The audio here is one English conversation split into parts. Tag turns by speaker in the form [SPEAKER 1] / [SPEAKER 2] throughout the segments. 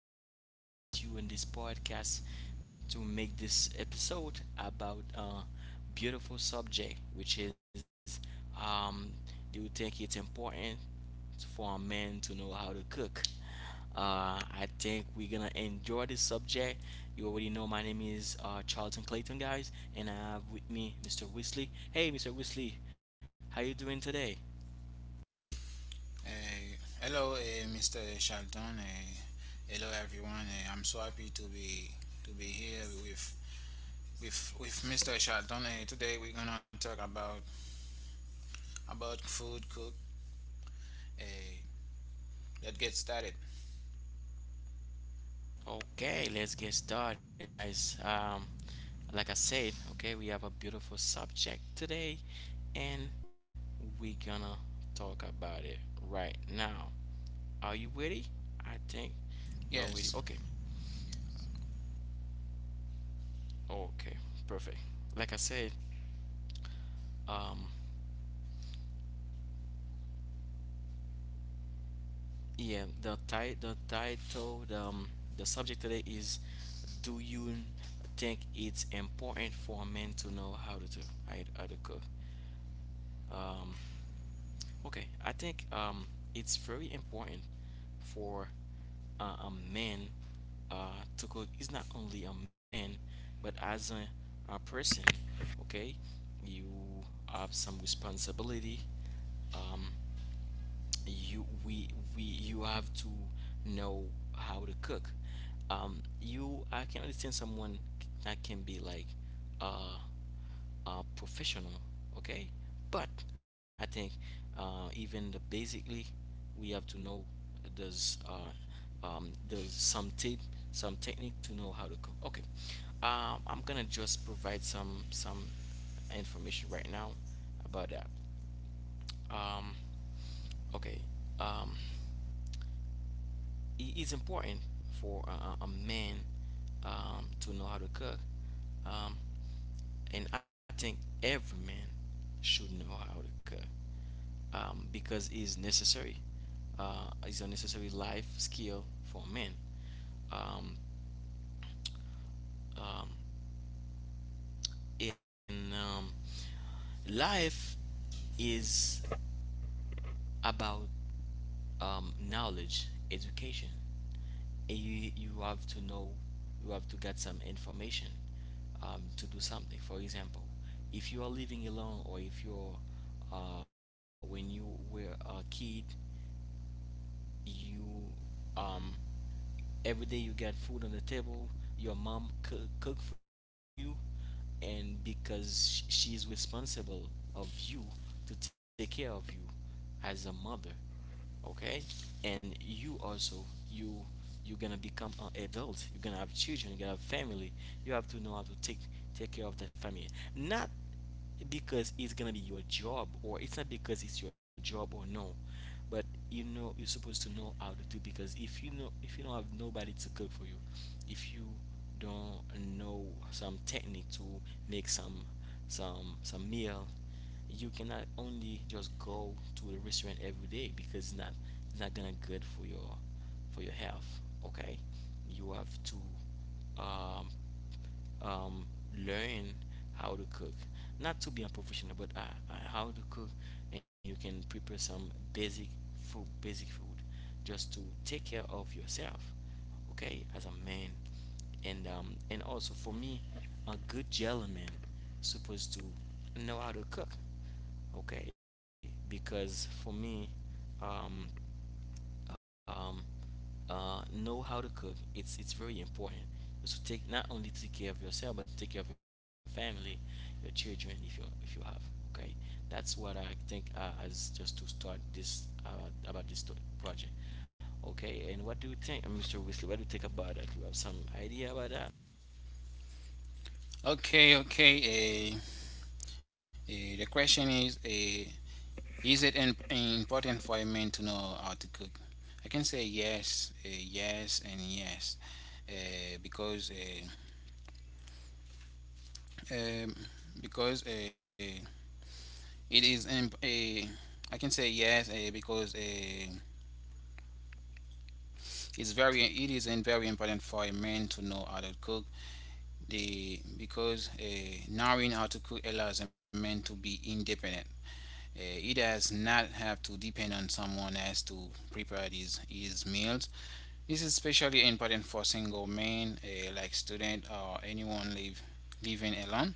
[SPEAKER 1] excited to be there today with you in this podcast to make this episode about a beautiful subject, which is um, do you think it's important for a man to know how to cook? I think we're gonna enjoy this subject. You already know my name is Charlton Clayton, guys, and I have with me Mr. Weasley. Hey, Mr. Weasley, how you doing today?
[SPEAKER 2] Uh, Hello, Mr. Shelton. Hello, everyone. I'm so happy to be here with Mr. Shelton. Today we're gonna talk about food cook. Uh, let's get started.
[SPEAKER 1] Okay, let's get started, guys. Like I said, okay, we have a beautiful subject today, and we're gonna talk about it right now. Are you ready? I think you are ready. Okay,
[SPEAKER 2] Yes.
[SPEAKER 1] okay, perfect. Like I said, um, yeah, the ti- the title, the subject today is, do you think it's important for men to know how to how, to how to cook? Um, okay, I think it's very important for a man to cook. It's not only a man, but as a person, okay, you have some responsibility. Um, you we you have to know how to cook. Um you i can understand someone that can be like uh professional, okay. But I think, even the basically we have to know, there's some tip, some technique, to know how to cook, okay. I'm gonna just provide some information right now about that. um okay um it is important for a man, to know how to cook. Um, and I think every man should know how to cook, because it's necessary. It's a necessary life skill for men. Um, um, in Life is about knowledge, education. You have to know, you have to get some information, to do something. For example, if you are living alone, or if you're when you were a kid, you um, every day you got food on the table. Your mom cook for you, and because she's responsible of you, to take care of you as a mother, okay. And you also, you you're gonna become an adult, you're gonna have children, you're gonna have family, you have to know how to take care of the family. Not because it's gonna be your job, or, it's not because it's your job, or no, but you know, you're supposed to know how to do, because if you don't have nobody to cook for you, if you don't know some technique to make some meal, you cannot only just go to a restaurant every day, because it's not gonna good for your health, okay. You have to, um um, learn how to cook. Not to be a professional, but how to cook, and you can prepare some basic food, just to take care of yourself, okay, as a man. And also for me, a good gentleman supposed to know how to cook, okay, because for me, um, um, know how to cook. It's very important. So take not only take care of yourself, but take care of your family, your children, if you have. Okay, that's what I think, as just to start this, about this project. Okay, and what do you think, Mr. Weasley? What do you think about that? Do you have some idea about that?
[SPEAKER 2] Okay. Okay. Uh, the question is: is it important for a man to know how to cook? I can say yes, yes, and yes, uh, because uh, um, because It is imp- a, I can say yes, eh, because a. It is in very important for a man to know how to cook the because a. Knowing how to cook allows a man to be independent. He does not have to depend on someone else to prepare his meals. This is especially important for single men, like student or anyone living alone.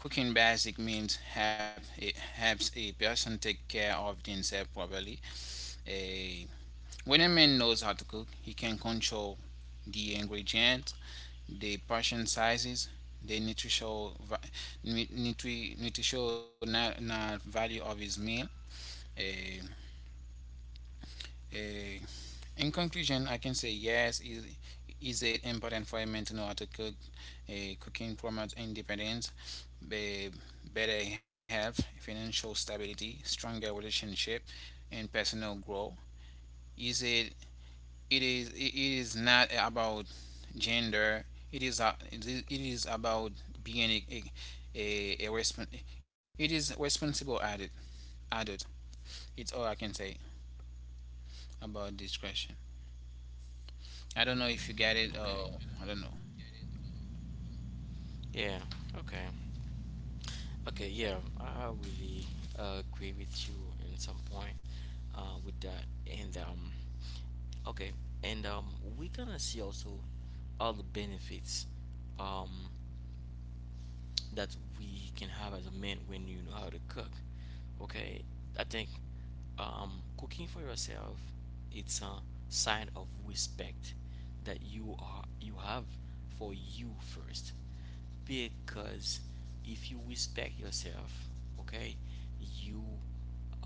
[SPEAKER 2] Cooking basic meals helps a person take care of themselves properly. Eh, When a man knows how to cook, he can control the ingredients, the portion sizes, the nutritional value of his meal. Eh, eh, in conclusion, I can say yes. Is it important for a man to know how to cook? Cooking promotes independence, be- better health, financial stability, stronger relationship, and personal growth. Is it it is not about gender. It is about being a respon- it is responsible adult. It's all I can say about this question. I don't know if you get
[SPEAKER 1] Okay.
[SPEAKER 2] it, or I don't know.
[SPEAKER 1] Yeah. Okay. Okay, yeah, I really agree with you in some point, with that. And okay, and we're gonna see also all the benefits um, that we can have as a man when you know how to cook. Okay, I think, um, cooking for yourself, it's a sign of respect that you have for you first, because if you respect yourself, okay, you, um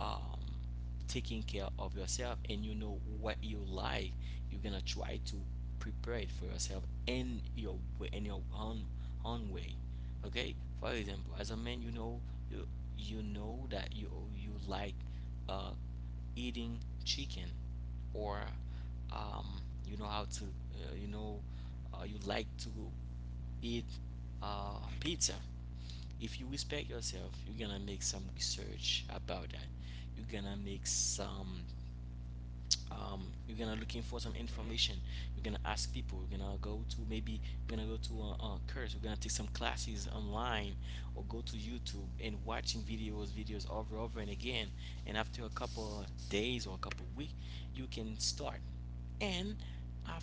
[SPEAKER 1] taking care of yourself, and you know what you like, you're gonna try to prepare it for yourself, in your way, in your own way, okay. For example, as a man, you know, you you know that you like, uh eating chicken, or, um you know how to, uh, you know you like to eat, pizza. If you respect yourself, you're gonna make some research about that. You're gonna make some. You're gonna looking for some information. You're gonna ask people. You're gonna go to Maybe you're gonna go to a course. You're gonna take some classes online, or go to YouTube and watching videos, videos over and again. And after a couple of days or a couple of weeks, you can start. And after,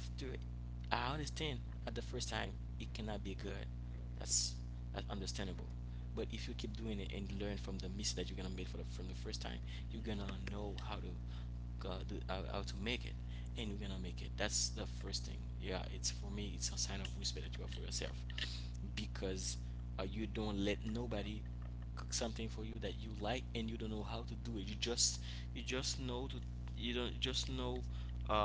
[SPEAKER 1] I understand, at the first time it cannot be good. That's that's understandable. But if you keep doing it and learn from the mistake that you're gonna make for from the first time, you're gonna know how to, do, how to make it, and you're gonna make it. That's the first thing. Yeah, it's for me. It's a sign of respect that you have for yourself, because, you don't let nobody cook something for you that you like and you don't know how to do it. You just you just know to, you don't just know,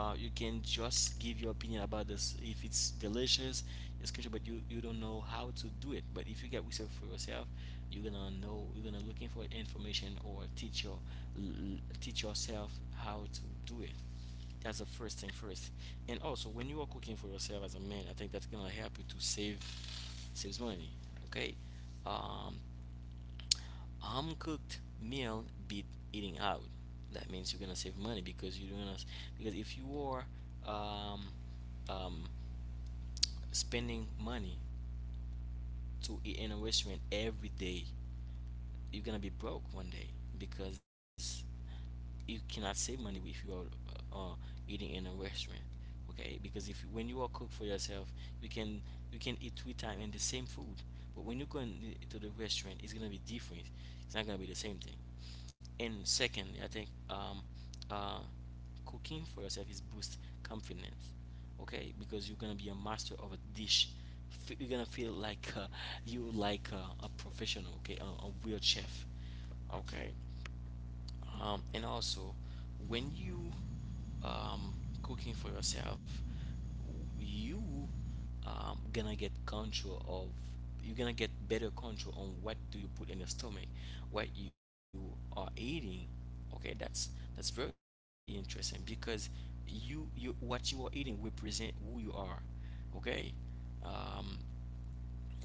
[SPEAKER 1] you can just give your opinion about this. If it's delicious, it's good, but you don't know how to do it. But if you get research for yourself, you're gonna know, you're gonna looking for information, or teach teach yourself how to do it. That's the first thing first. And also, when you are cooking for yourself as a man, I think that's gonna help you to save saves money, okay. um a home cooked meal beat eating out. That means you're gonna save money, because if you are, um, um, spending money to eat in a restaurant every day, you're gonna be broke one day, because you cannot save money if you are, uh, eating in a restaurant, okay. Because if when you are cook for yourself, you can, you can eat three times in the same food. But when you go to the restaurant, it's gonna be different, it's not gonna be the same thing. And second, I think, uh cooking for yourself is boost confidence, okay, because you're gonna be a master of a dish. You're gonna feel like, you like a professional, okay, a real chef, okay. And also, when you, um, cooking for yourself, you, gonna get control of you're gonna get better control on what do you put in your stomach, what you are eating. Okay, that's very interesting, because you what you are eating represent who you are. Okay, um,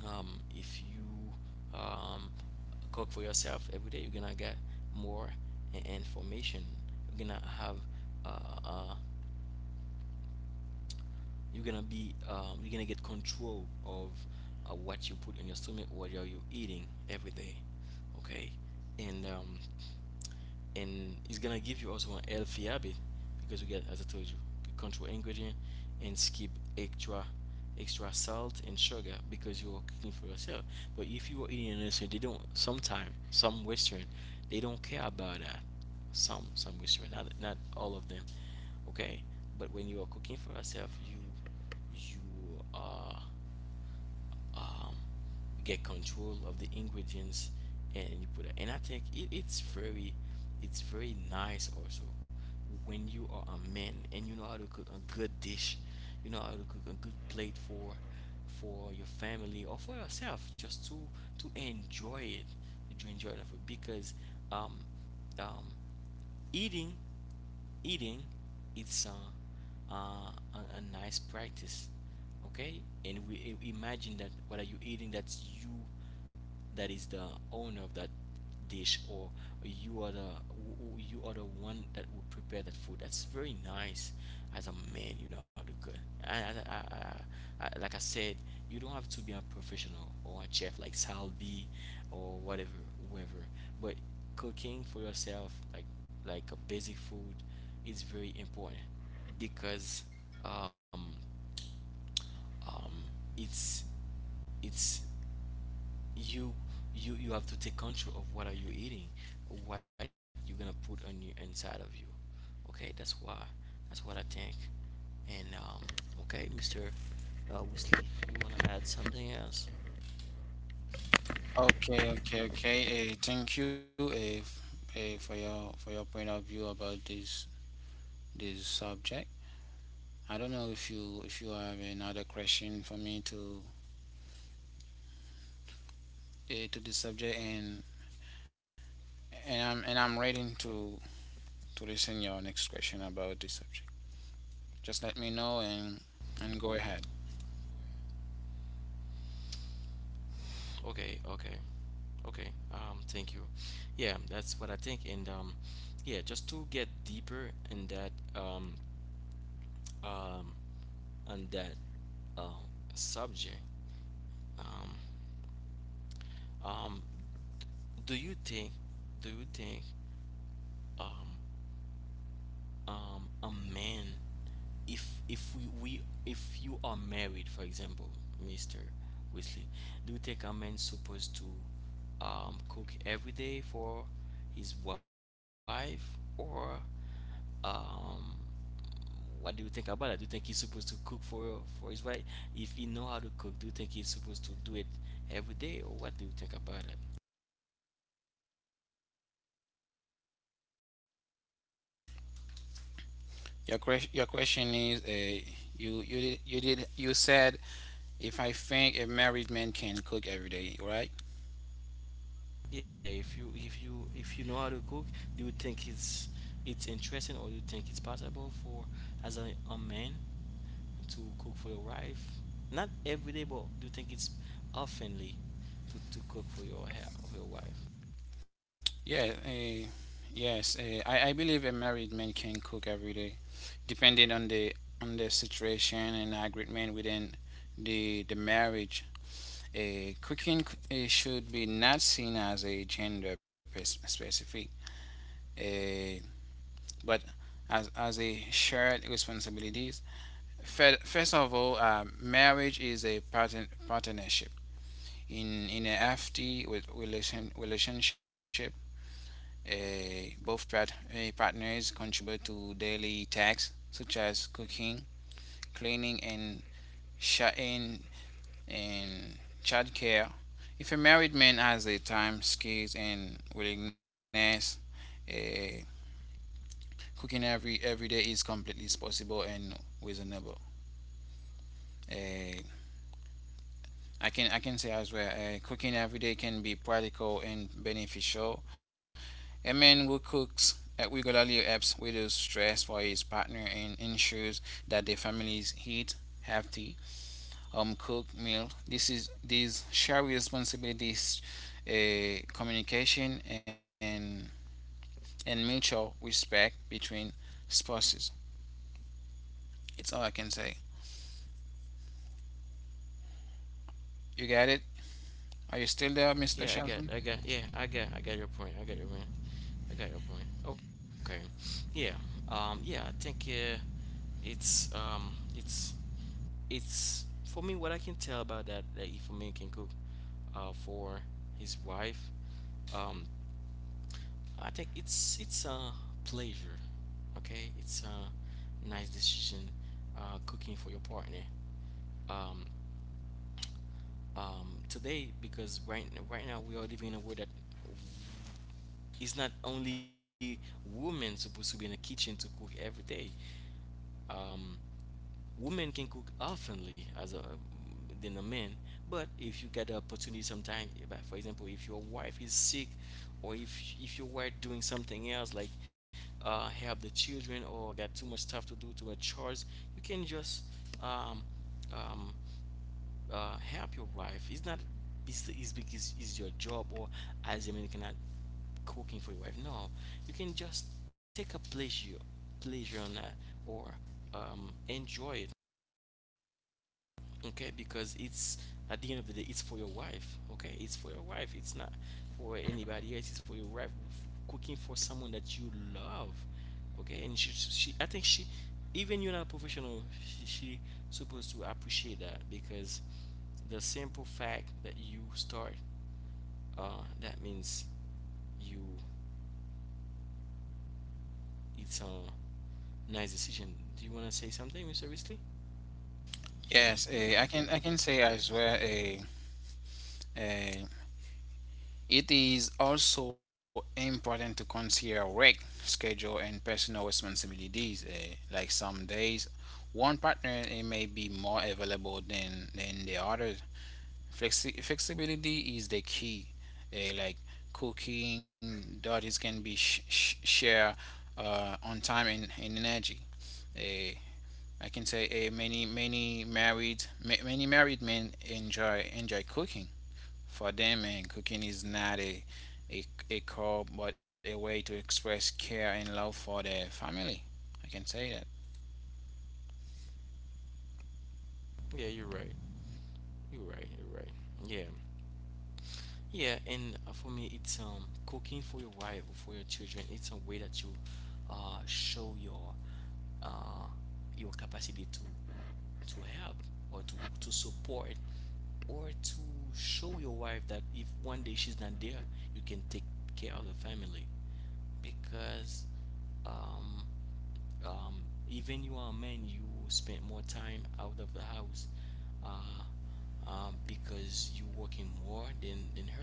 [SPEAKER 1] if you, cook for yourself every day, you're gonna get more information. You're gonna have uh, uh, you're gonna be you're gonna get control of, what you put in your stomach, what are you eating every day, okay? And um, and it's gonna give you also an healthy habit, because we get, as I told you, control ingredient, and skip extra extra salt and sugar, because you are cooking for yourself. But if you are eating in restaurant, they don't sometimes, some western, they don't care about that. Some western, not all of them, okay. But when you are cooking for yourself, you are, um, get control of the ingredients, and you put it. And I think it's very nice also when you are a man and you know how to cook a good dish, you know how to cook a good plate for your family, or for yourself, just to, enjoy it, to enjoy the food, because, um um Eating, eating, it's a nice practice, okay? And imagine that, what are you eating? That's you, that is the owner of that dish, or you are the, you are the one that will prepare that food. That's very nice. As a man, you know how to cook. I, I, I, like I said, you don't have to be a professional or a chef like Salby, or whatever, whoever. But cooking for yourself, like a basic food, is very important because um, um, it's it's you you have to take control of what are you eating, what you're gonna put on you, inside of you. Okay, that's why, that's what I think. And um okay, mr Wesley, you want to add something else?
[SPEAKER 2] Okay, okay, okay. Thank you, f- for your point of view about this subject. I don't know if you have another question for me, to this subject, and I'm ready to listen your next question about this subject. Just let me know, and go ahead.
[SPEAKER 1] Okay, okay, okay, thank you. Yeah, that's what I think. And um yeah, just to get deeper in that, um um on that uh, subject, um um do you think do you think um a man, if we, we if you are married, for example, mr Wesley, do you think a man supposed to cook every day for his wife or um what do you think about it? Do you think he's supposed to cook for his wife? If he know how to cook, do you think he's supposed to do it every day, or what do you think about it?
[SPEAKER 2] Your question is, a you you did you did you said if I think a married man can cook every day, right?
[SPEAKER 1] Yeah, if you if you know how to cook, do you think it's interesting, or you think it's possible for as a man to cook for your wife? Not every day, but do you think it's oftenly to cook for your for your wife?
[SPEAKER 2] Yeah. Yes. I believe a married man can cook every day, depending on the situation and agreement within the marriage. Cooking should be not seen as a gender specific. Uh, but as a shared responsibilities. First of all, marriage is a partnership. In a FT relationship, eh, both part, partners contribute to daily tasks such as cooking, cleaning, sharing and childcare. If a married man has the time, skills, and willingness, uh, cooking every day is completely possible and reasonable. Uh, I can say as well, cooking every day can be practical and beneficial. A man who cooks regularly helps reduce stress for his partner and ensures that the families eat healthy, cooked meal. This is These share responsibilities, communication and mutual respect between spouses. It's all I can say. You got it? Are you still there, Mr.
[SPEAKER 1] Yeah,
[SPEAKER 2] Shelton?
[SPEAKER 1] I got your point. I got your point. I got your point. Okay. Yeah. Yeah, I think it's um it's it's for me what I can tell about that that Ifeanyi can cook for his wife. Um, I think it's a pleasure. Okay, it's a nice decision cooking for your partner. Um, today, because right now we are living in a world that it's not only women supposed to be in the kitchen to cook every day. Um, women can cook oftenly as a than a man, but if you get the opportunity sometime. But for example, if your wife is sick, or if your wife doing something else like help the children, or got too much stuff to do to a chores, you can just um um help your wife. It's not it's, it's because it's your job, or as a man you cannot cooking for your wife. No, you can just take a pleasure, pleasure on that, or enjoy it. Okay, because it's at the end of the day it's for your wife. Okay, it's for your wife, it's not for anybody else, it's for your wife. Cooking for someone that you love, okay. And she I think she, even you're not a professional, she supposed to appreciate that because the simple fact that you start that means you it's a nice decision. Do you want to say something, mr Risley?
[SPEAKER 2] Yes, I can say as well. Uh, it is also important to consider work schedule and personal responsibilities. Like some days, one partner may be more available than the other. Flexibility is the key. Like cooking, duties can be shared, on time and energy. Eh, I can say, many many married men enjoy cooking, for them, and cooking is not a, a chore, but a way to express care and love for their family. I can say that.
[SPEAKER 1] yeah you're right you're right. Yeah. Yeah, and for me, it's cooking for your wife or for your children. It's a way that you show uh your capacity to help or to support or to show your wife that if one day she's not there, you can take care of the family. Because um um, even you are a man, you spend more time out of the house because you working more than her.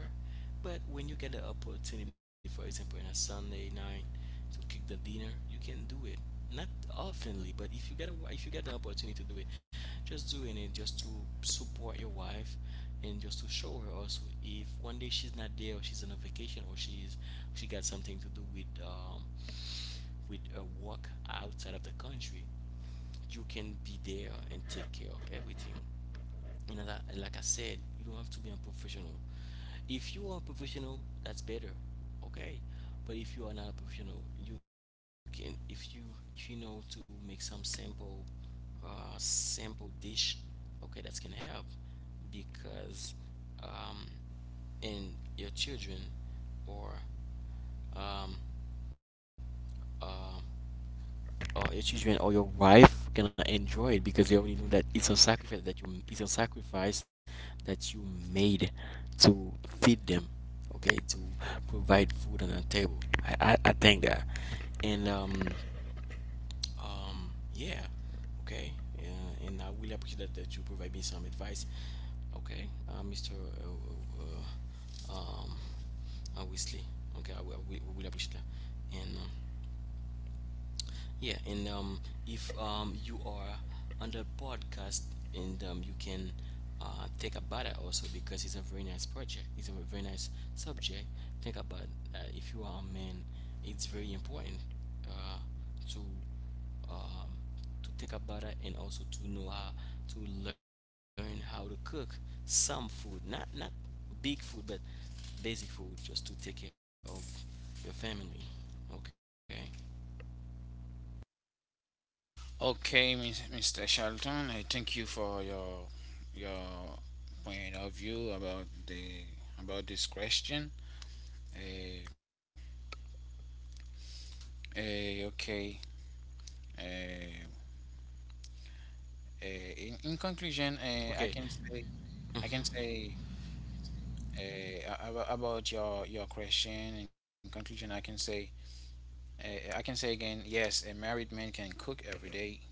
[SPEAKER 1] But when you get the opportunity, for example on a Sunday night, to cook the dinner, you can do it. Not oftenly, but if you get a if you get the opportunity to do it, just doing it, just to support your wife, and just to show her also if one day she's not there, or she's on a vacation, or she's she got something to do with a work outside of the country, you can be there and take care of everything. Like I said, you don't have to be a professional. If you are a professional, that's better, okay. But if you are not a professional, you can, if you know to make some simple, simple dish, okay, that can help. Because um, and your children or um, uh. Your children or your wife gonna enjoy it because they already know that it's a sacrifice that it's a sacrifice you made to feed them, okay, to provide food on the table. I think that. And um yeah, okay. Yeah, and I really appreciate that, that you provide me some advice, okay, mr Wesley. Okay, I will appreciate that. And yeah, and If you are on the podcast, and you can think about it also, because it's a very nice project. It's a very nice subject. Think about that. If you are a man, it's very important uh, to um, to think about it, and also to know how to learn how to cook some food, not not big food, but basic food, just to take care of your family. Okay.
[SPEAKER 2] Okay, Mr. Charlton, I thank you for your point of view about this question. Uh, okay. Uh, in conclusion,
[SPEAKER 1] Okay. Mhm.
[SPEAKER 2] I can say about your question. In conclusion, I can say again, yes, a married man can cook every day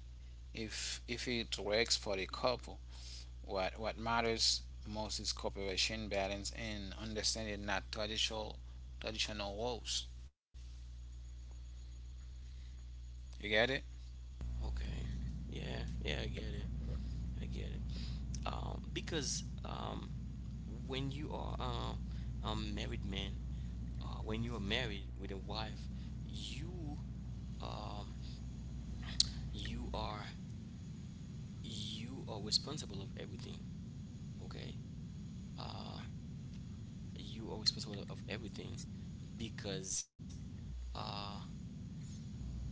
[SPEAKER 2] if it works for the couple. What matters most is cooperation, balance, and understanding, not traditional roles. You get it?
[SPEAKER 1] Okay. Yeah, yeah, I get it. I get it. Because when you are a married man, when you are married with a wife, you um, you are you are responsible of everything. Okay, uh, you are responsible of everything. Because uh,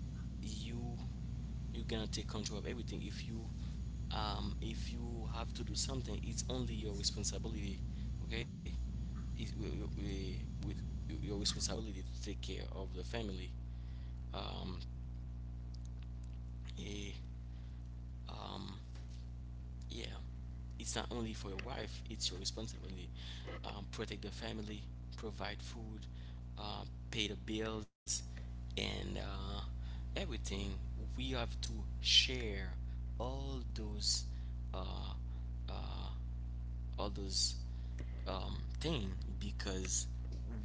[SPEAKER 1] you you're gonna take control of everything. If you if you have to do something, it's only your responsibility, okay. it, we we, Your responsibility to take care of the family. um, eh, um Yeah, it's not only for your wife, it's your responsibility. Protect the family, provide food, uh, pay the bills, and everything. We have to share all those uh, all those thing, because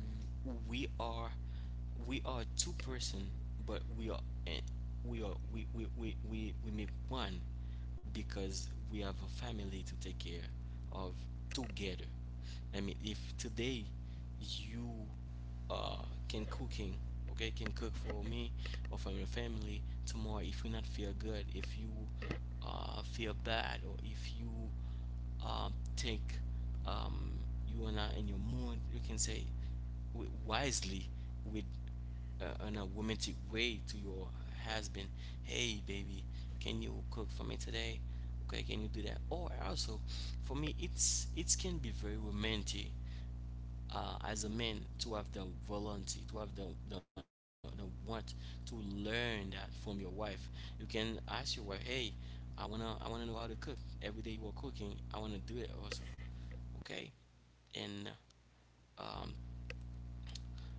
[SPEAKER 1] we are we are two person, but we are eh, we make one, because we have a family to take care of together. I mean, if today you uh, can cooking, okay, can cook for me or for your family tomorrow. If you not feel good, if you feel bad, or if you think, um, you are not in your mood. You can say wisely with in a romantic way to your husband, "Hey, baby, can you cook for me today? Okay, can you do that?" Or also, for me, it's it can be very romantic as a man to have the volunteer, to have the want to learn that from your wife. You can ask your wife, hey, I want to know how to cook. Every day you are cooking, I want to do it also, okay. and um,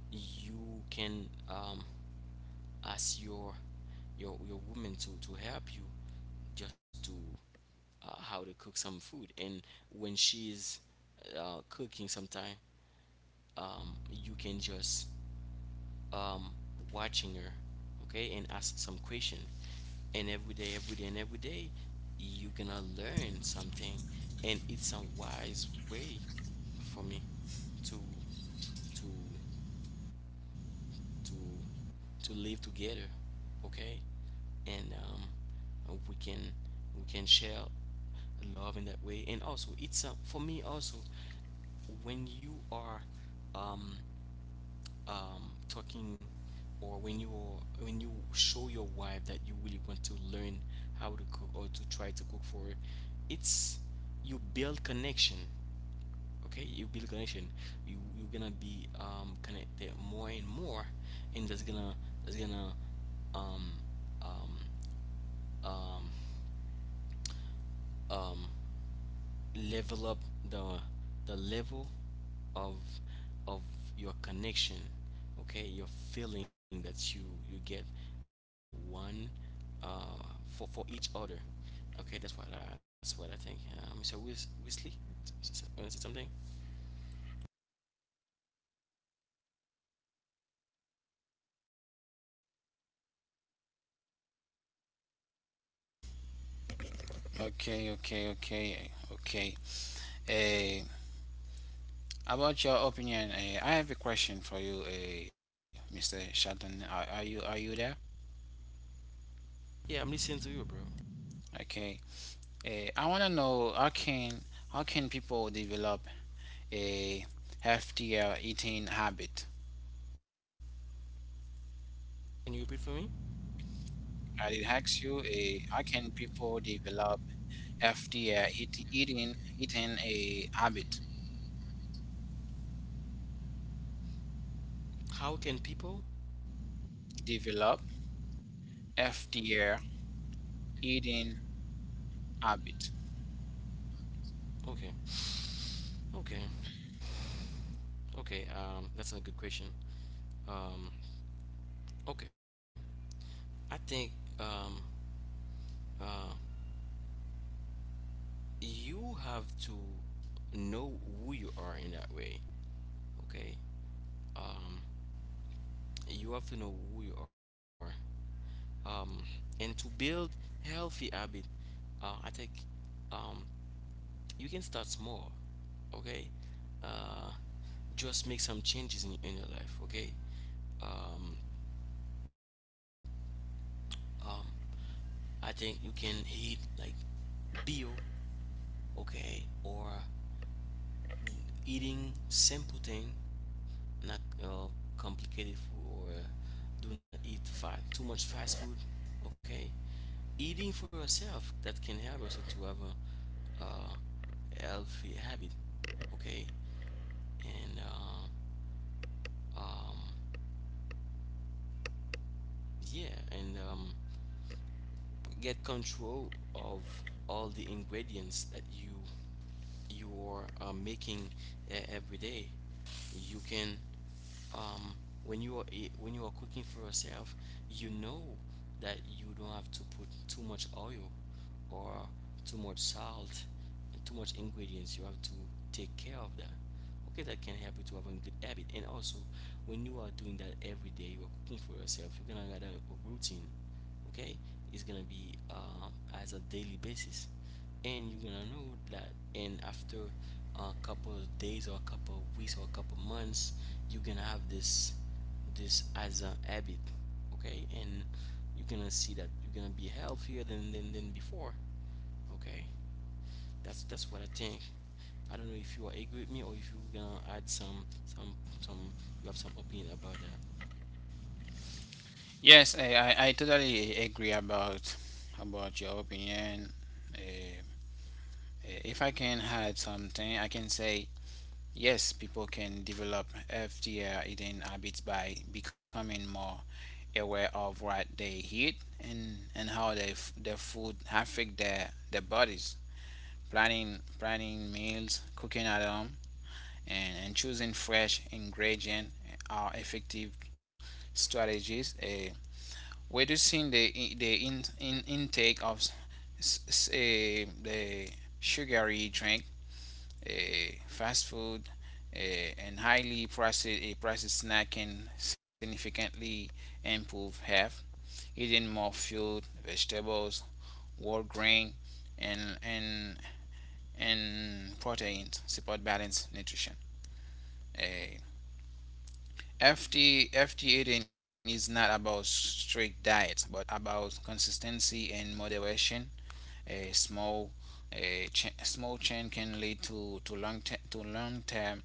[SPEAKER 1] you can ask your your woman to help you, just to how to cook some food. And when she's cooking sometime, you can just um, watching her, okay, and ask some question. And every day, and every day, you gonna learn something. And it's a wise way for me to to to to live together, okay. and we can share love in that way. And also, it's a, for me also, when you are um, talking, or when you when you show your wife that you really want to learn how to cook or to try to cook for her, it's you build connection. Okay, you build connection. You're gonna be connected more and more. And that's gonna that's gonna um, um, um, um, level up the level of of your connection, okay, your feeling that you get uh, one, uh, for each other, okay. That's what I think, Mr. Wisley. Want to say something?
[SPEAKER 2] Okay, okay, okay, okay. Uh, about your opinion, I have a question for you, Mr. Shelton. Are you there?
[SPEAKER 1] Yeah, I'm listening to you, bro.
[SPEAKER 2] Okay. I want to know how can people develop a healthier eating habit?
[SPEAKER 1] Can you repeat for me?
[SPEAKER 2] And it ask you, A how can people develop FDR eating a habit?
[SPEAKER 1] How can people
[SPEAKER 2] Develop FDR eating habit.
[SPEAKER 1] Okay, okay, okay, that's a good question. um okay, I think, um uh you have to know who you are in that way, okay. um you have to know who you are. um and to build healthy habit, I think um you can start small, okay. uh just make some changes in your life, okay. um um I think you can eat like bio, okay, or eating simple thing, not uh, complicated food, or do not eat too much fast food, okay. Eating for yourself, that can help yourself to have a healthy habit, okay. And um, yeah. and get control of all the ingredients that you are making every day. You can um, when you are when you are cooking for yourself, you know that you don't have to put too much oil, or too much salt, too much ingredients. You have to take care of that. Okay, that can help you to have a good habit. And also, when you are doing that every day, you are cooking for yourself, you're gonna get a routine, okay. It's gonna be as a daily basis, and you're gonna know that. And after a couple of days, or a couple of weeks, or a couple of months, you're gonna have this this as a habit, okay. And you're gonna see that you're gonna be healthier than than before, okay. That's what I think. I don't know if you agree with me, or if you're gonna add some, you have some opinion about that.
[SPEAKER 2] Yes, I totally agree about your opinion. Eh, if I can add something, I can say yes, people can develop FDR eating habits by becoming more aware of what they eat, and how their food affect their bodies. Planning meals, cooking at home, and choosing fresh ingredients are effective strategies. Reducing the intake of s- s- eh, the sugary drink, fast food, uh, and highly processed snack can significantly improve health. Eating more fruit, vegetables, whole grain, and and and proteins support balanced nutrition. A FT 18 is not about strict diets, but about consistency and moderation. A small, small change can lead to long term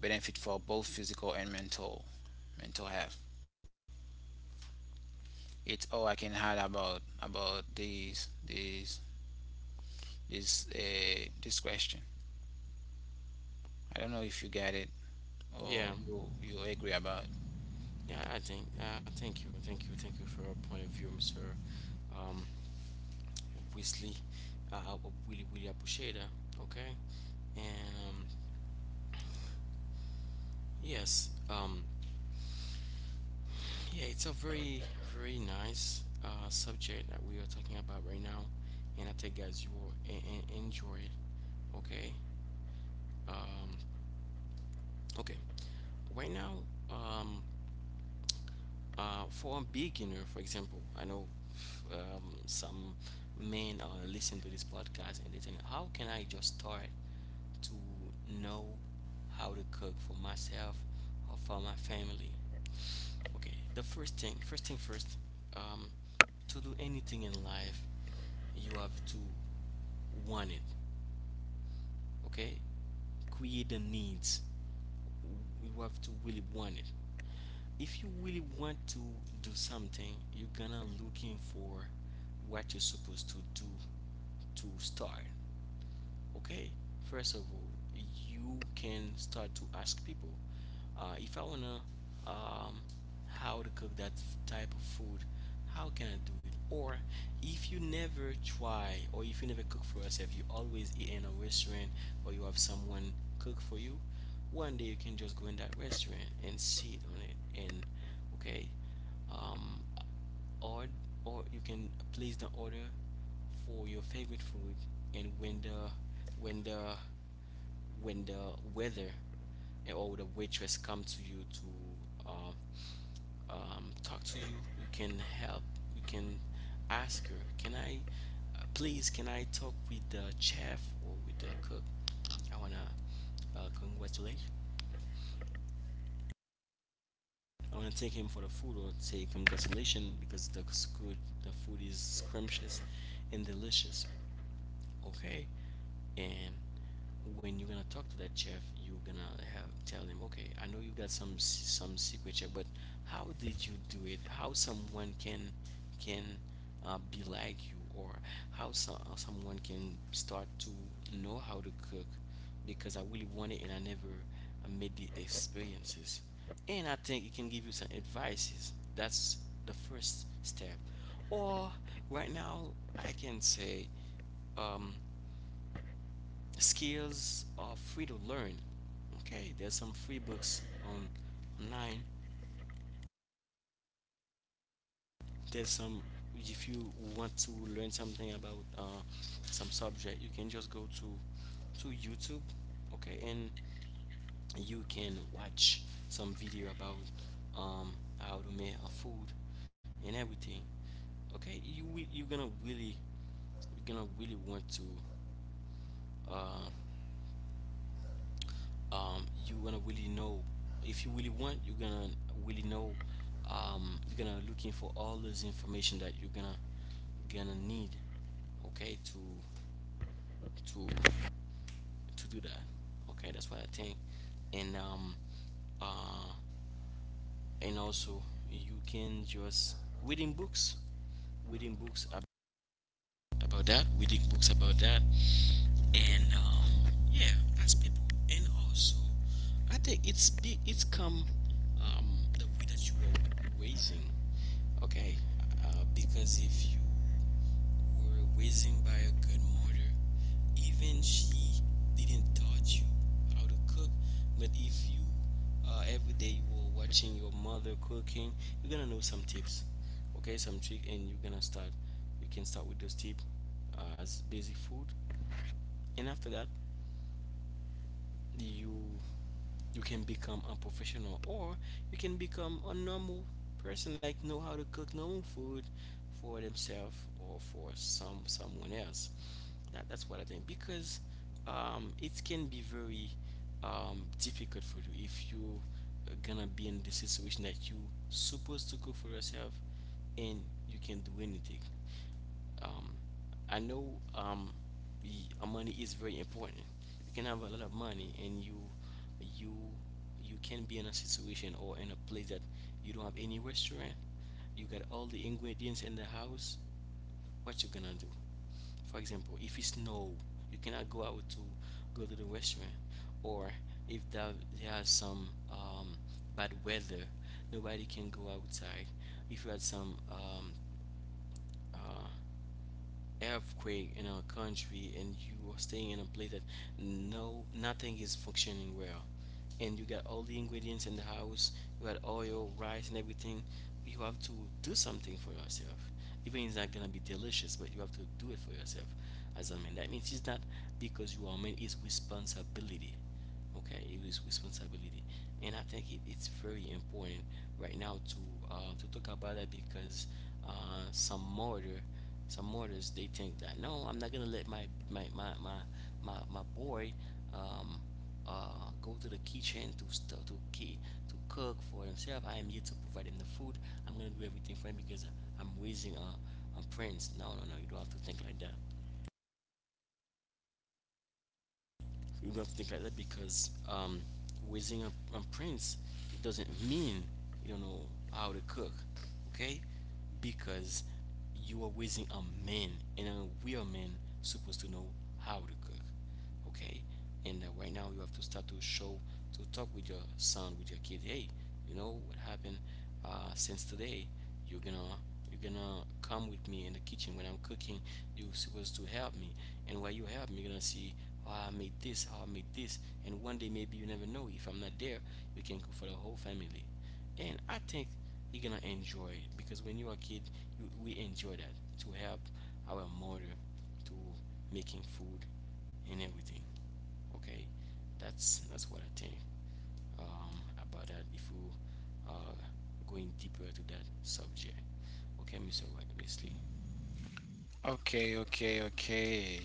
[SPEAKER 2] benefit for both physical and mental health. It's all I can add about this this question. I don't know if you get it, or
[SPEAKER 1] Yeah.
[SPEAKER 2] you agree about it.
[SPEAKER 1] Yeah, I think. Uh, thank you for your point of view, Mr. Um, Weasley. I would really appreciate that. Okay, and yes, yeah, it's a very, very nice subject that we are talking about right now, and I think guys you will enjoy it. Okay, um, okay, right now, um, for a beginner, for example, I know some men are listening to this podcast and they think, how can I just start to know how to cook for myself or for my family? Okay, the first thing, first thing first, um, to do anything in life, you have to want it, okay? Create the needs. You have to really want it. If you really want to do something, you're gonna looking for what you're supposed to do to start. Okay, first of all, you can start to ask people, if I wanna um, how to cook that type of food, how can I do it? Or if you never try, or if you never cook for yourself, you always eat in a restaurant, or you have someone cook for you. One day you can just go in that restaurant and sit on it, and okay, um, or or you can place the order for your favorite food, and when the when the weather or the waitress come to you to talk to you, you can help, you can ask her, can I please, can I talk with the chef or with the cook, I wanna congratulate, I want to thank him for the food or say congratulations because good, the food is scrumptious and delicious. Okay, and when you're gonna talk to that chef, you're gonna have tell him, okay, I know you got some secret chef, but how did you do it, how someone can, can be like you, or how someone can start to know how to cook because I really want it, and I never made the experiences. And I think it can give you some advices. That's the first step. Or right now I can say, um, skills are free to learn. Okay, there's some free books on online. There's some, if you want to learn something about some subject, you can just go to YouTube. Okay, and you can watch some video about how to make a food and everything. Okay, you're gonna really, you're gonna really want to. Um, you're gonna really know, if you really want, you're gonna really know. You're gonna looking for all this information that you're gonna need, okay, to to do that. Okay, that's what I think. And um uh and also, you can just reading books, reading books ab- about that, reading books about that. And yeah, as people. And also, I think it's big. It's come, um, the way that you were raising, okay, because if you were raising by a good mother, even she didn't taught you how to cook, but if you, every day you were watching your mother cooking, you're gonna know some tips, okay, some trick, and you're gonna start. You can start with those tips as basic food, and after that, you you can become a professional, or you can become a normal person, like know how to cook normal food for themselves or for someone else. That's what I think, because it can be very difficult for you if you are gonna be in the situation that you supposed to cook for yourself, and you can not do anything. um, I know, the money is very important. You can have a lot of money, and you you can be in a situation or in a place that you don't have any restaurant. You got all the ingredients in the house. What you gonna do? For example, if it's snow, you cannot go out to go to the restaurant, or if there's some bad weather, nobody can go outside. If you had some uh, earthquake in our country, and you are staying in a place that no nothing is functioning well, and you got all the ingredients in the house, you got oil, rice, and everything, you have to do something for yourself. Even it's not gonna be delicious, but you have to do it for yourself. As a man, that means it's not because you are a man, it's responsibility. Okay, it is responsibility. And I think it's very important right now to talk about that, because some martyr, some martyrs they think that, no, I'm not gonna let my boy, um, go to the kitchen to to cook for himself. I am here to provide him the food, I'm gonna do everything for him because I'm raising a prince. No, no, no, you don't have to think like that. We don't have to think like that, because raising a prince, it doesn't mean you don't know how to cook, okay? Because you are raising a man, and a real man supposed to know how to cook. Okay, and right now you have to start to show, to talk with your son, with your kid, hey, you know what happened, since today you're gonna, you're gonna come with me in the kitchen when I'm cooking. You're supposed to help me, and while you help me, you're gonna see how I made this, how I made this. And one day, maybe you never know, if I'm not there, we can cook for the whole family. And I think you're gonna enjoy it, because when you're a kid, we enjoy that, to help our mother to making food and everything. Okay, that's what I think about that. If we are going deeper to that subject, okay, Mr. Wesley.
[SPEAKER 2] Okay, okay, okay.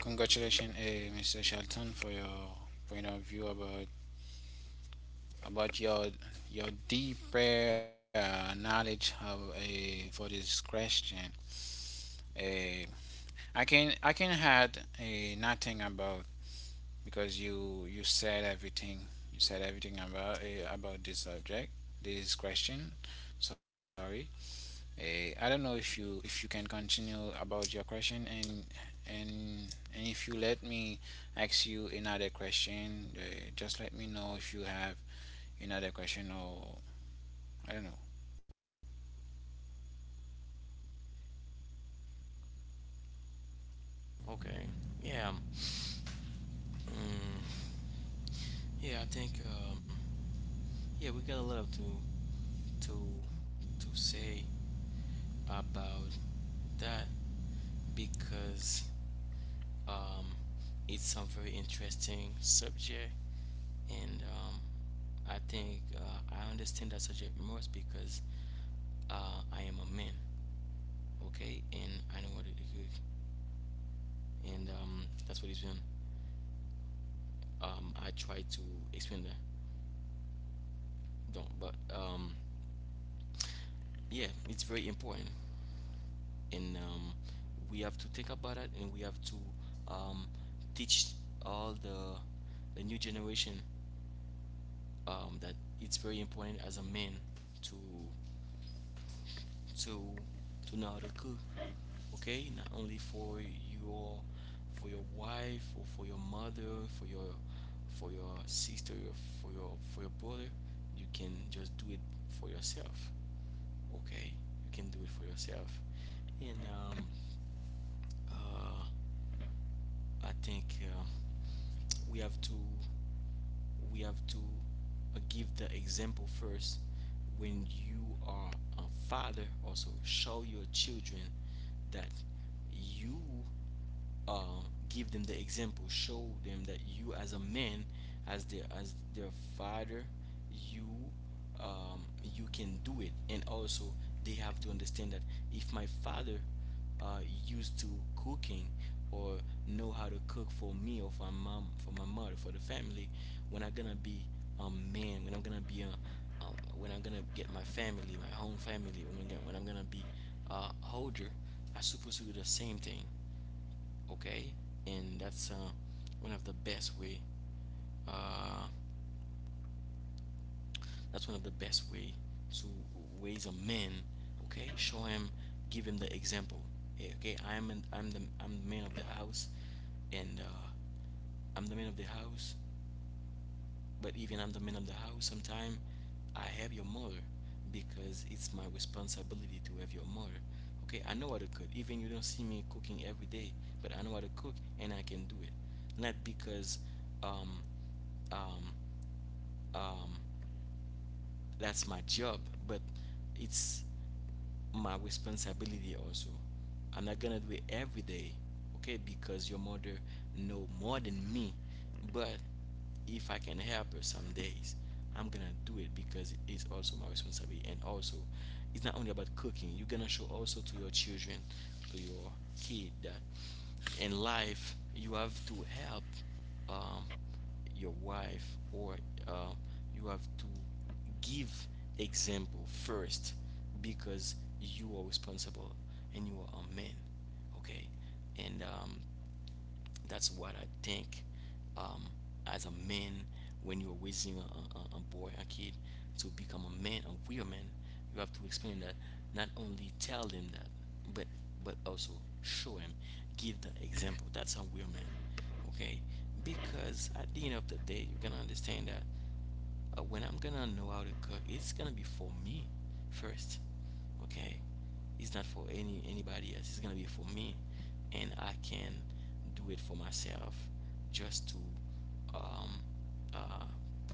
[SPEAKER 2] Congratulations, Mr. Shelton, for your point of view about your deeper knowledge for this question. Eh, I can add nothing, about because you said everything. You said everything about, about this subject this question. Sorry. I don't know if you can continue about your question, and if you let me ask you another question. Just let me know if you have another question, or I don't know.
[SPEAKER 1] Okay, yeah, mm, yeah. I think yeah, we got a lot to to to say about that, because Um, it's a very interesting subject. And I think I understand that subject most, because I am a man, okay, and I know what it is. And that's what it's been. I try to explain that, don't, but yeah, it's very important. And we have to think about it, and we have to um, teach all the new generation that it's very important as a man to to know cook. Okay, not only for your, for your wife, or for your mother, for your, for your sister, or for your, for your brother. You can just do it for yourself. Okay, you can do it for yourself. And uh, I think we have to, we have to give the example first. When you are a father, also show your children that you, uh, give them the example, show them that you as a man, as their father, you, um, you can do it. And also, they have to understand that if my father uh, used to cooking or know how to cook for me, or for my mom, for my mother, for the family, when I'm gonna be a man, when I'm gonna be a, when I'm gonna get my family, my own family, when I'm gonna be older, I supposed to do the same thing. Okay, and that's one of the best way uh, that's one of the best way to raise a man. Okay, show him, give him the example. Hey, okay, I'm the man of the house. And I'm the man of the house, but even I'm the man of the house sometime, I have your mother, because it's my responsibility to have your mother. Okay, I know how to cook, even you don't see me cooking every day, but I know how to cook, and I can do it. Not because um, um, um, that's my job, but it's my responsibility also. I'm not gonna do it every day, okay? Because your mother know more than me, but if I can help her some days, I'm gonna do it, because it is also my responsibility. And also, it's not only about cooking. You're gonna show also to your children, to your kid, that in life you have to help um, your wife, or uh, you have to give example first, because you are responsible, and you are a man, okay? And that's what I think um, as a man, when you're raising a boy, a kid, to become a man, a real man, you have to explain that. Not only tell them that, but but also show him, give the example. That's a real man, okay? Because at the end of the day, you're gonna understand that when I'm gonna know how to cook, it's gonna be for me first. Okay, it's not for anybody else. It's gonna be for me, and I can do it for myself just to um, uh,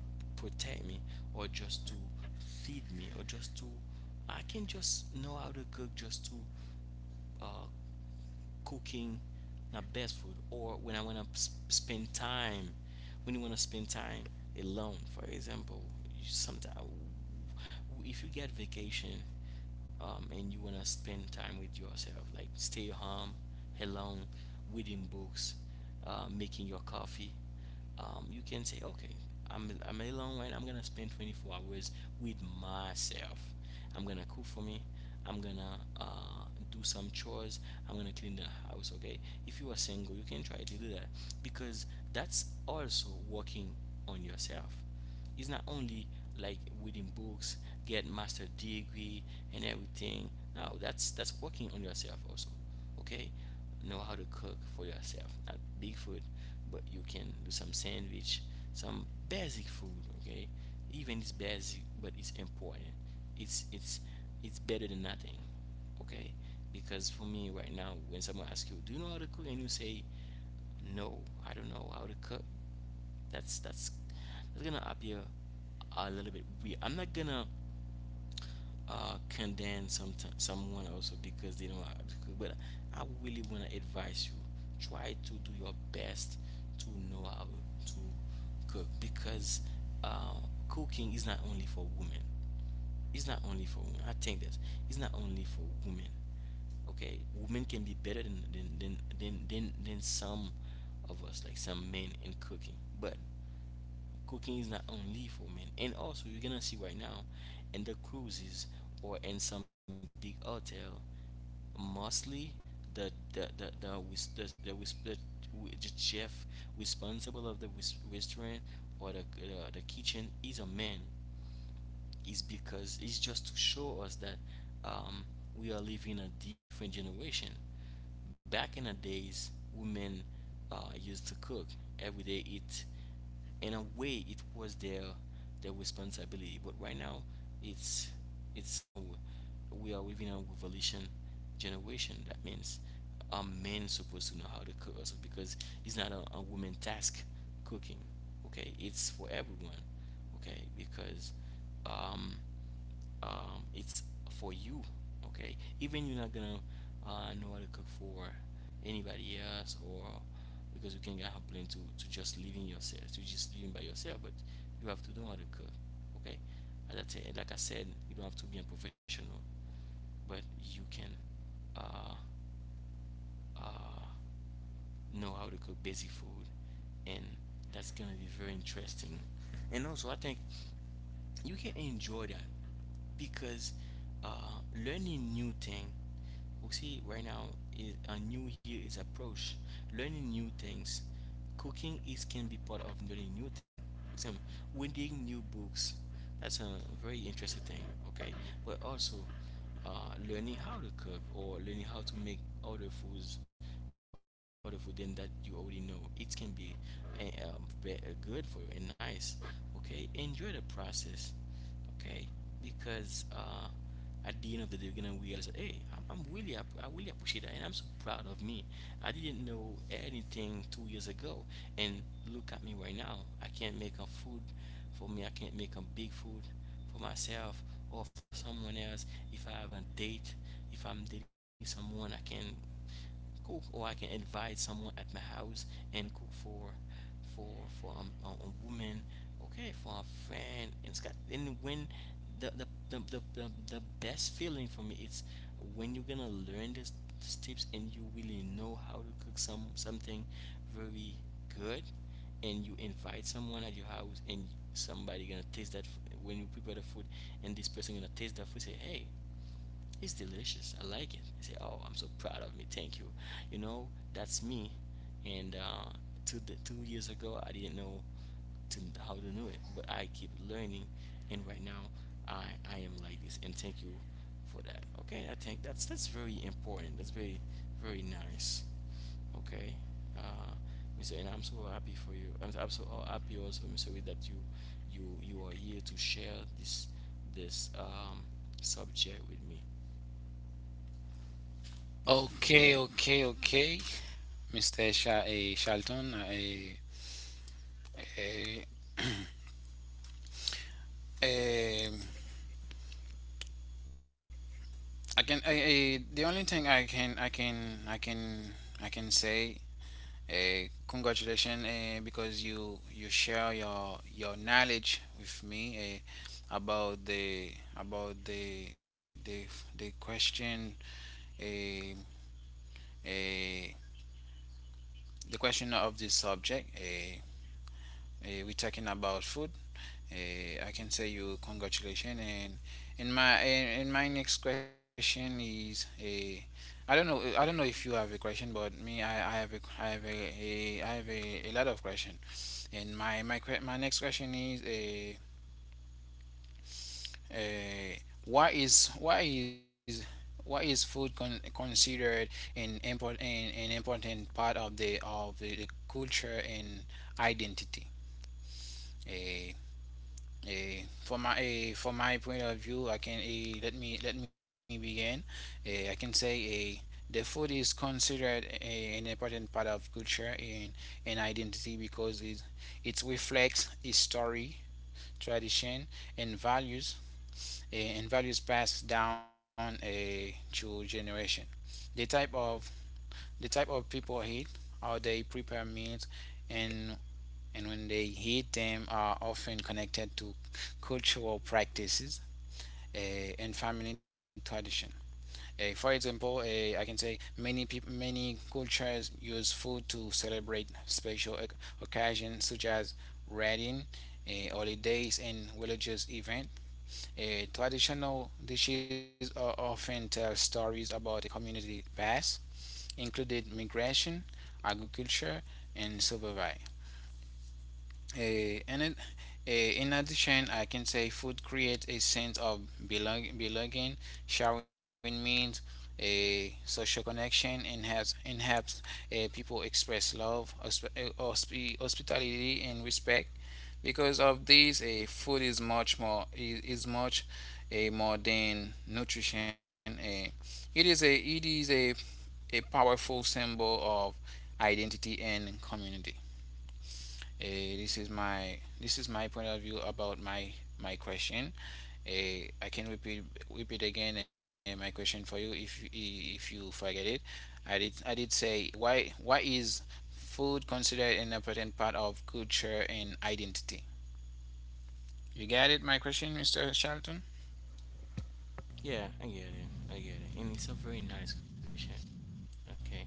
[SPEAKER 1] protect me, or just to feed me, or just to I can just know how to cook just to uh, cooking my best food. Or when I want to spend time, when you want to spend time alone, for example. You sometimes, if you get vacation, and you want to spend time with yourself, like stay home alone, reading books, making your coffee, you can say, okay, I'm alone right now. I'm gonna spend 24 hours with myself. I'm gonna cook for me. I'm gonna do some chores. I'm gonna clean the house. Okay, if you are single, you can try to do that, because that's also working on yourself. It's not only like reading books, get master degree and everything. No, that's working on yourself also. Okay, know how to cook for yourself. Not big food, but you can do some sandwich, some basic food. Okay, even it's basic, but it's important. It's It's better than nothing. Okay, because for me, right now, when someone asks you, do you know how to cook, and you say no, I don't know how to cook, that's that's gonna appear a little bit weird. I'm not gonna condemn someone also because they don't. But I really wanna advise you: try to do your best to know how to cook, because uh, cooking is not only for women. It's not only for women. I think that it's not only for women. Okay, women can be better than some of us, like some men, in cooking, but cooking is not only for men. And also, you're gonna see right now in the cruises or in some big hotel, mostly the whis- the, whis- the, w- the chef responsible of the restaurant, or the kitchen, is a man. Is because it's just to show us that um, we are living a different generation. Back in the days, women used to cook every day. It, in a way, it was their responsibility. But right now, it's it's a, we are living a revolution generation. That means a man supposed to know how to cook also, because it's not a, a woman task, cooking. Okay, it's for everyone. Okay, because um it's for you. Okay, even you're not gonna know how to cook for anybody else, or because you can get complain to just living yourself, to just living by yourself, but you have to know how to cook. Okay, as I said, like I said, you don't have to be a professional, but you can uh uh know how to cook basic food, and that's gonna be very interesting. And also I think you can enjoy that, because learning new thing, we see right now is a new year is approach, learning new things, cooking is can be part of learning new thing, some reading new books. That's a very interesting thing. Okay, but also, learning how to cook or learning how to make other foods, other food than that you already know, it can be good for you and nice. Okay, enjoy the process. Okay, because at the end of the day, you're gonna realize that, hey, I really appreciate that, and I'm so proud of me. I didn't know anything two years ago, and look at me right now. I can't make a food for me. I can't make a big food for myself or for someone else. If I have a date, if I'm dating someone, I can cook, or I can invite someone at my house and cook for a woman, okay, for a friend. And it's got. And when the best feeling for me, it's when you're gonna learn this, these tips, and you really know how to cook some something very good, and you invite someone at your house, and somebody gonna taste that when you prepare the food, and this person gonna taste that food, say, hey, it's delicious, I like it. I say, "Oh, I'm so proud of me. Thank you." You know, that's me. And two years ago, I didn't know to how to do it, but I keep learning, and right now, I I am like this. And thank you for that. Okay, I think that's very important. That's very very nice. Okay, uh, Mr. And I'm so happy for you. I'm so happy also, Mr. Reed, that you are here to share this this um subject with me.
[SPEAKER 2] Okay, okay, okay, Mr. Sha uh, Charlton. I, I, I can. The only thing I can say: congratulations, because you share your knowledge with me, about the about the question a uh, uh, the question of this subject. We're talking about food. I can say you congratulations, and in my in and my next question is a. I don't know. I don't know if you have a question, but me, I have a lot of question. And my next question is, a uh, uh, why is why is why is food considered an important, an important part of the culture and identity? A a for my a For my point of view, I can a let me begin. I can say, a the food is considered an important part of culture and identity because it reflects history, tradition, and values, passed down, through generation. The type of people eat, how they prepare meals, and and when they eat them are often connected to cultural practices, and family tradition. For example, I can say many cultures use food to celebrate special occasions such as wedding, holidays, and religious events. Traditional dishes often tell stories about the community past, including migration, agriculture, and survival. Uh, and it, in addition, I can say food creates a sense of belonging. Sharing means a social connection and helps, people express love, hospitality, and respect. Because of this, food is much, more than nutrition. It is a powerful symbol of identity and community. This is my point of view about my question. I can repeat again, my question for you, if you forget it. I did say: why is food considered an important part of culture and identity? You got it, my question, Mr. Charlton.
[SPEAKER 1] Yeah, I get it. I get it. And it's a very nice question, okay?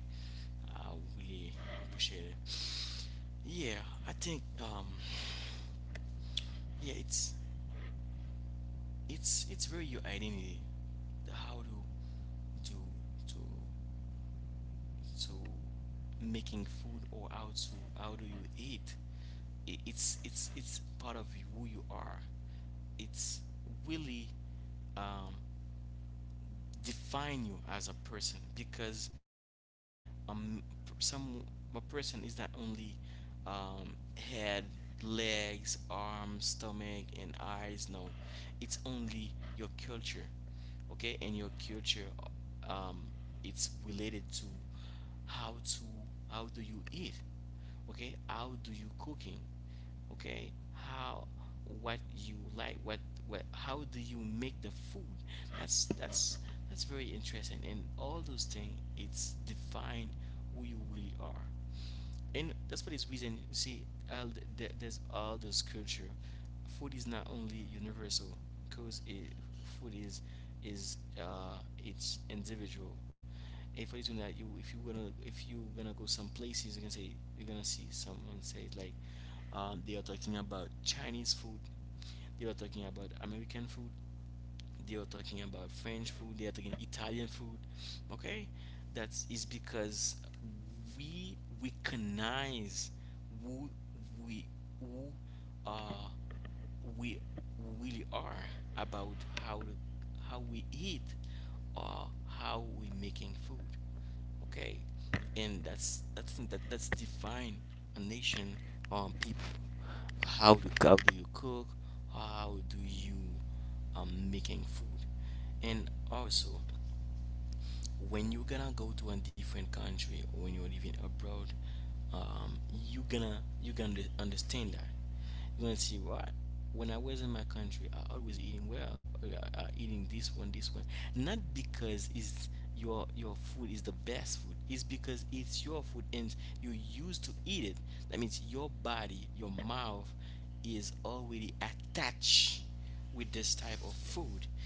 [SPEAKER 1] I really appreciate it. Yeah, I think yeah, it's very your identity. The how to to to to making food, or how to, how do you eat. It's part of who you are. It's really um define you as a person, because um some a person is not only head, legs, arms, stomach and eyes. No, it's only your culture. Okay, and your culture, um it's related to how to, how do you eat, okay, how do you cooking, okay, how, what you like, what how do you make the food. That's that's very interesting, and all those things, it's define who you really are. And that's for this reason, you see, all there's all this culture. Food is not only universal, because food is is uh it's individual. If you do that, you, if you gonna go some places, you can say, you're gonna see someone say like, they are talking about Chinese food, they are talking about American food, they are talking about French food, they are talking Italian food. Okay, that is because we recognize who we who uh we really are about how to, how we eat, or how we making food. Okay, and that's thing that that's define a nation, people, how do you cook, how do you making food. And also, when you're gonna go to a different country, or when you're living abroad, um you gonna understand that, you're gonna see what, when I was in my country, I always eating well, eating this one, not because it's your food is the best food, it's because it's your food, and you used to eat it. That means your body, your mouth, is already attached with this type of food,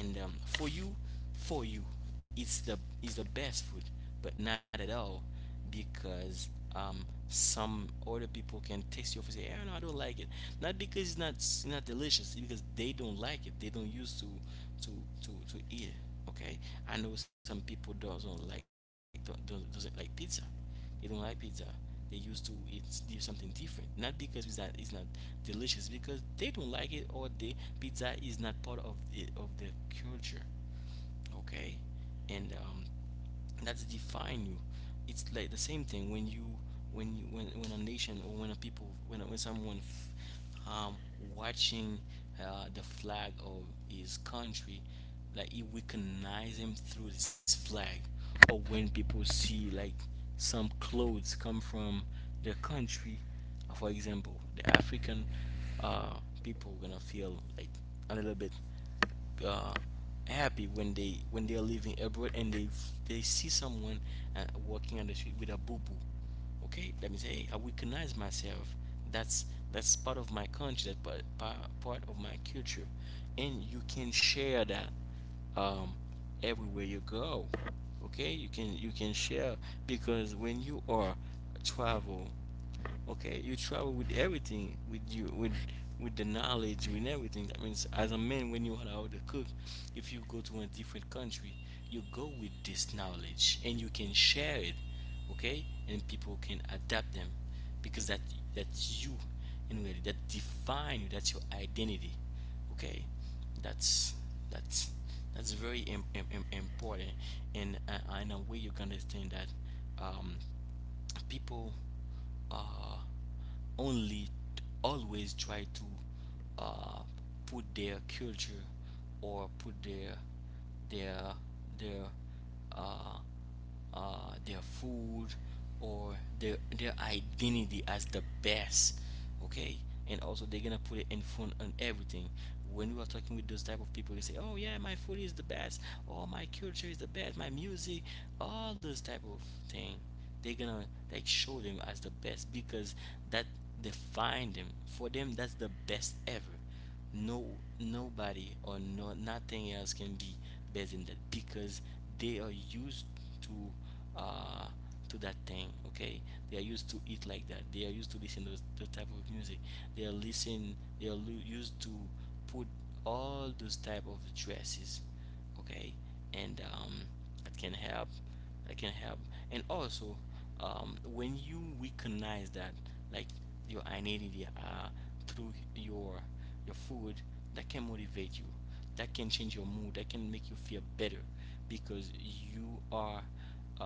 [SPEAKER 1] and for you, for you, it's the best food. But not at all, because um, some other people can taste your food and say, oh, no, I don't like it. Not because it's not, it's not delicious, it's because they don't like it, they don't used to to to eat it. Okay, I know some people doesn't like, don't, doesn't like pizza, they don't like pizza. They used to eat, do something different. Not because it's not, it's not delicious, because they don't like it, or the pizza is not part of the of their culture. Okay, and that's define you. It's like the same thing when you, when a nation, or when a people, when someone um watching the flag of his country, like he recognize him through this flag. Or when people see, like, some clothes come from their country. For example, the African uh people gonna feel like a little bit uh, happy when they, when they are living abroad, and they see someone walking on the street with a boo boo. Okay, that means, hey, I recognize myself. That's that's part of my country. That's part of my culture, and you can share that um, everywhere you go. Okay, you can share, because when you are travel. Okay, you travel with everything, with you, with the knowledge, with everything. That means, as a man, when you are out to cook, if you go to a different country, you go with this knowledge and you can share it, okay? And people can adapt them, because that that's you, in reality, that define you. That's your identity, okay? That's that's that's very important, and in a way you can understand that um, people uh, only always try to uh, put their culture or put their their uh, their food or their identity as the best, okay, and also they're gonna put it in front on everything. When we are talking with those type of people, they say, oh yeah, my food is the best. Oh, my culture is the best, my music, all those type of thing, they're gonna like show them as the best because that define them. For them, that's the best ever. No, nobody or no nothing else can be better than that because they are used to uh to that thing, okay. They are used to eat like that, they are used to listen to those, the type of music, they are listen, they used to put all those type of dresses, okay. And it can help. It can help. And also, when you recognize that, like your identity, through your food, that can motivate you. That can change your mood. That can make you feel better because you are.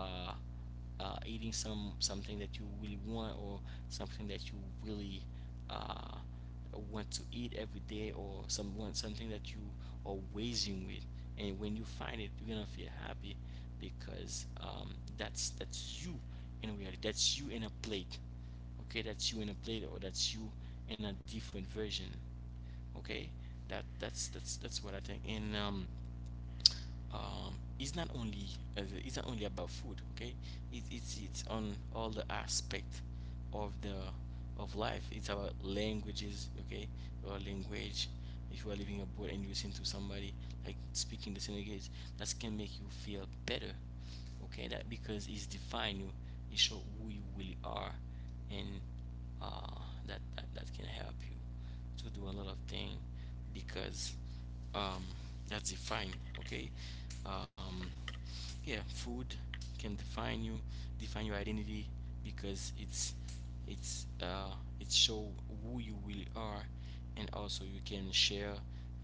[SPEAKER 1] Uh, eating something that you really want, or something that you really, uh, want to eat every day, or someone something that you are waging with, and when you find it you're gonna feel happy because that's you, in reality, that's you in a plate. Okay, that's you in a plate, or that's you in a different version, okay. That's what I think. And um um, it's not only, it's not only about food, okay. It's on all the aspect of the, of life. It's about languages, okay, or language. If you are living abroad and you listen to somebody like speaking the same language, that can make you feel better, okay, that, because it's define you. It show who you really are. And uh, that can help you to do a lot of things because um, that's define, okay. um, yeah, food can define you, define your identity because it's uh, it show who you really are. And also you can share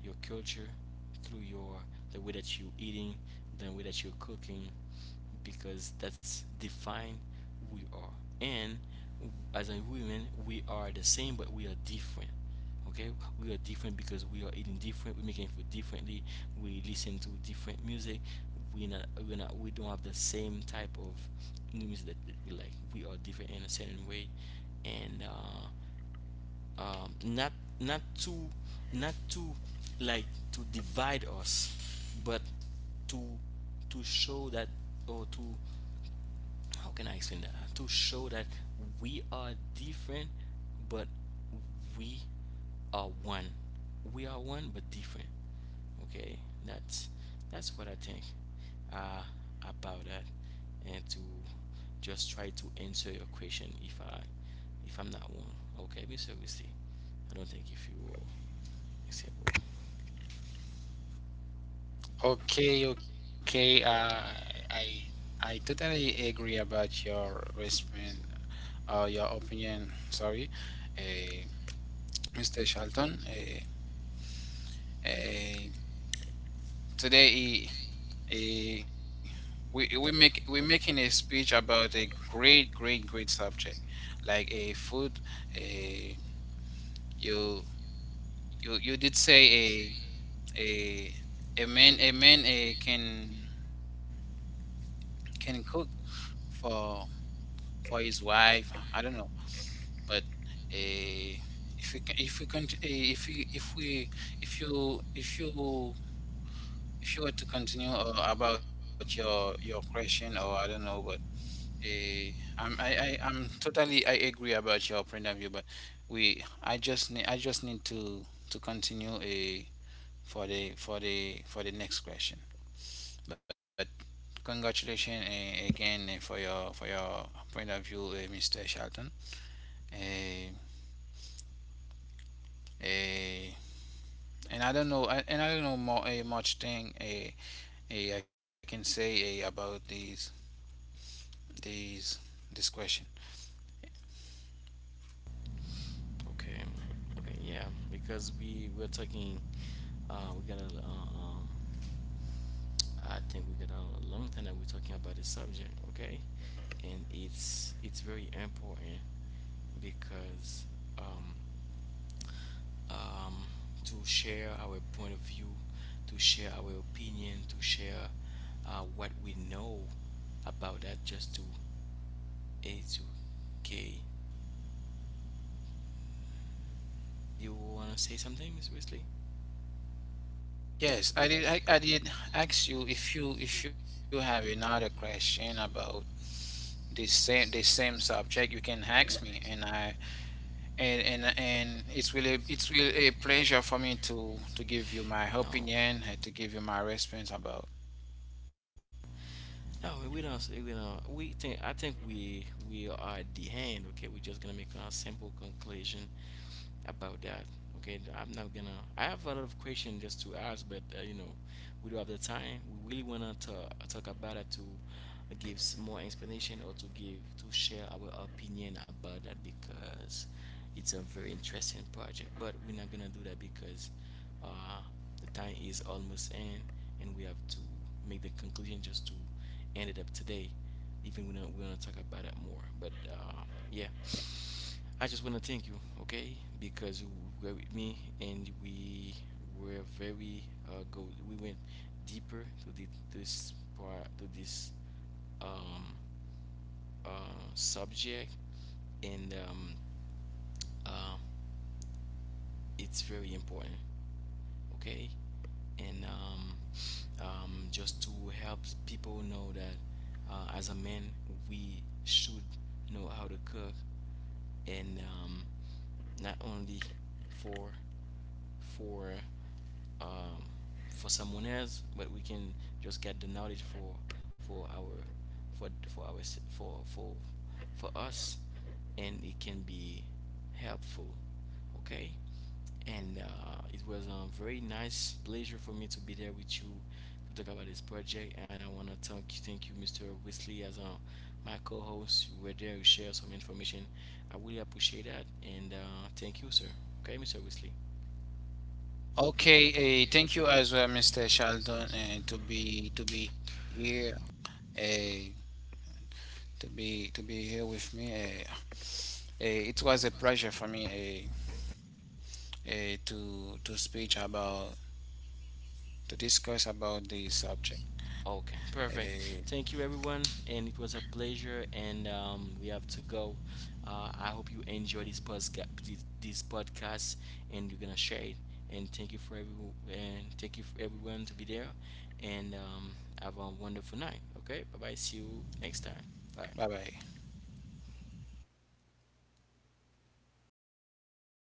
[SPEAKER 1] your culture through your, the way that you eating, the way that you're cooking, because that's define who we are. And as a woman, we are the same, but we are different. Okay, we are different because we are eating different. We making food differently. We listen to different music. We not we don't have the same type of music that we like. We are different in a certain way, and um, not not to not to like to divide us, but to to show that, or to, how can I explain that? To show that we are different, but we are one. We are one, but different. Okay, that's that's what I think uh, about that, and to just try to answer your question if I, if I'm not wrong. Okay, Mr. Augustine, I don't think if you are acceptable.
[SPEAKER 2] Okay, okay. I I totally agree about your response, or your opinion. Sorry, uh, Mr. Charlton. Uh, Today, he, we're making a speech about a great, great, great subject, like a food. A you you You did say a a man a man a can cook for for his wife. I don't know, but a. If we can eh, if we if we if you if you If you were to continue, about your question, or I don't know but Eh, I'm, I, I'm totally, I agree about your point of view, but we, I just need to continue a for for the next question. But congratulations, again, for for your point of view, Mr. Shelton. Uh, uh, and I don't know, and I don't know more, much thing, I can say, about these, this question.
[SPEAKER 1] Okay. Okay. Yeah. Because we're talking, we got to I think we got a long time that we're talking about this subject, okay? And it's very important because um, um, to share our point of view, to share our opinion, to share what we know about that, just to educate. You wanna say something, Miss Wesley?
[SPEAKER 2] Yes, I did. I did ask you if you have another question about the same subject, you can ask me, and I and it's really a pleasure for me to give you my opinion
[SPEAKER 1] No,
[SPEAKER 2] and to give you my response about.
[SPEAKER 1] no, we don't. We don't. We think. I think we are at the end. Okay, we're just gonna make a simple conclusion about that. Okay, I'm not gonna. I have a lot of questions just to ask, but you know, we don't have the time. We really wanna talk about it, to give more explanation, or to give, to share our opinion about that because it's a very interesting project. But we're not gonna do that because uh, the time is almost in, and we have to make the conclusion just to end it up today. Even we when we're gonna talk about it more, but yeah. I just want to thank you, okay, because you were with me and we were very go. We went deeper to the, this part, to this, um, subject, and uh, it's very important, okay. And just to help people know that, as a man we should know how to cook and not only for for, um, for someone else, but we can just get the knowledge for our, for for our s- for for for us, and it can be helpful. Okay, and it was a very nice pleasure for me to be there with you to talk about this project, and I wanna thank you, Mr. Wesley, as my co-host. You were there, you shared some information. I really appreciate that, and thank you, sir. Okay, Mr. Wesley.
[SPEAKER 2] Okay, thank you as well, Mr. Sheldon, and to be here, uh, to be here with me. It was a pleasure for me, eh, to to speak about to discuss about this subject. Uh,
[SPEAKER 1] Okay, perfect. Thank you, everyone, and it was a pleasure. And we have to go. I hope you enjoy this podcast, this podcast, and you're gonna share it. And thank you for every. And thank you for everyone to be there. And have a wonderful night. Okay, bye bye. See you next time.
[SPEAKER 2] Bye
[SPEAKER 1] Bye.
[SPEAKER 2] bye.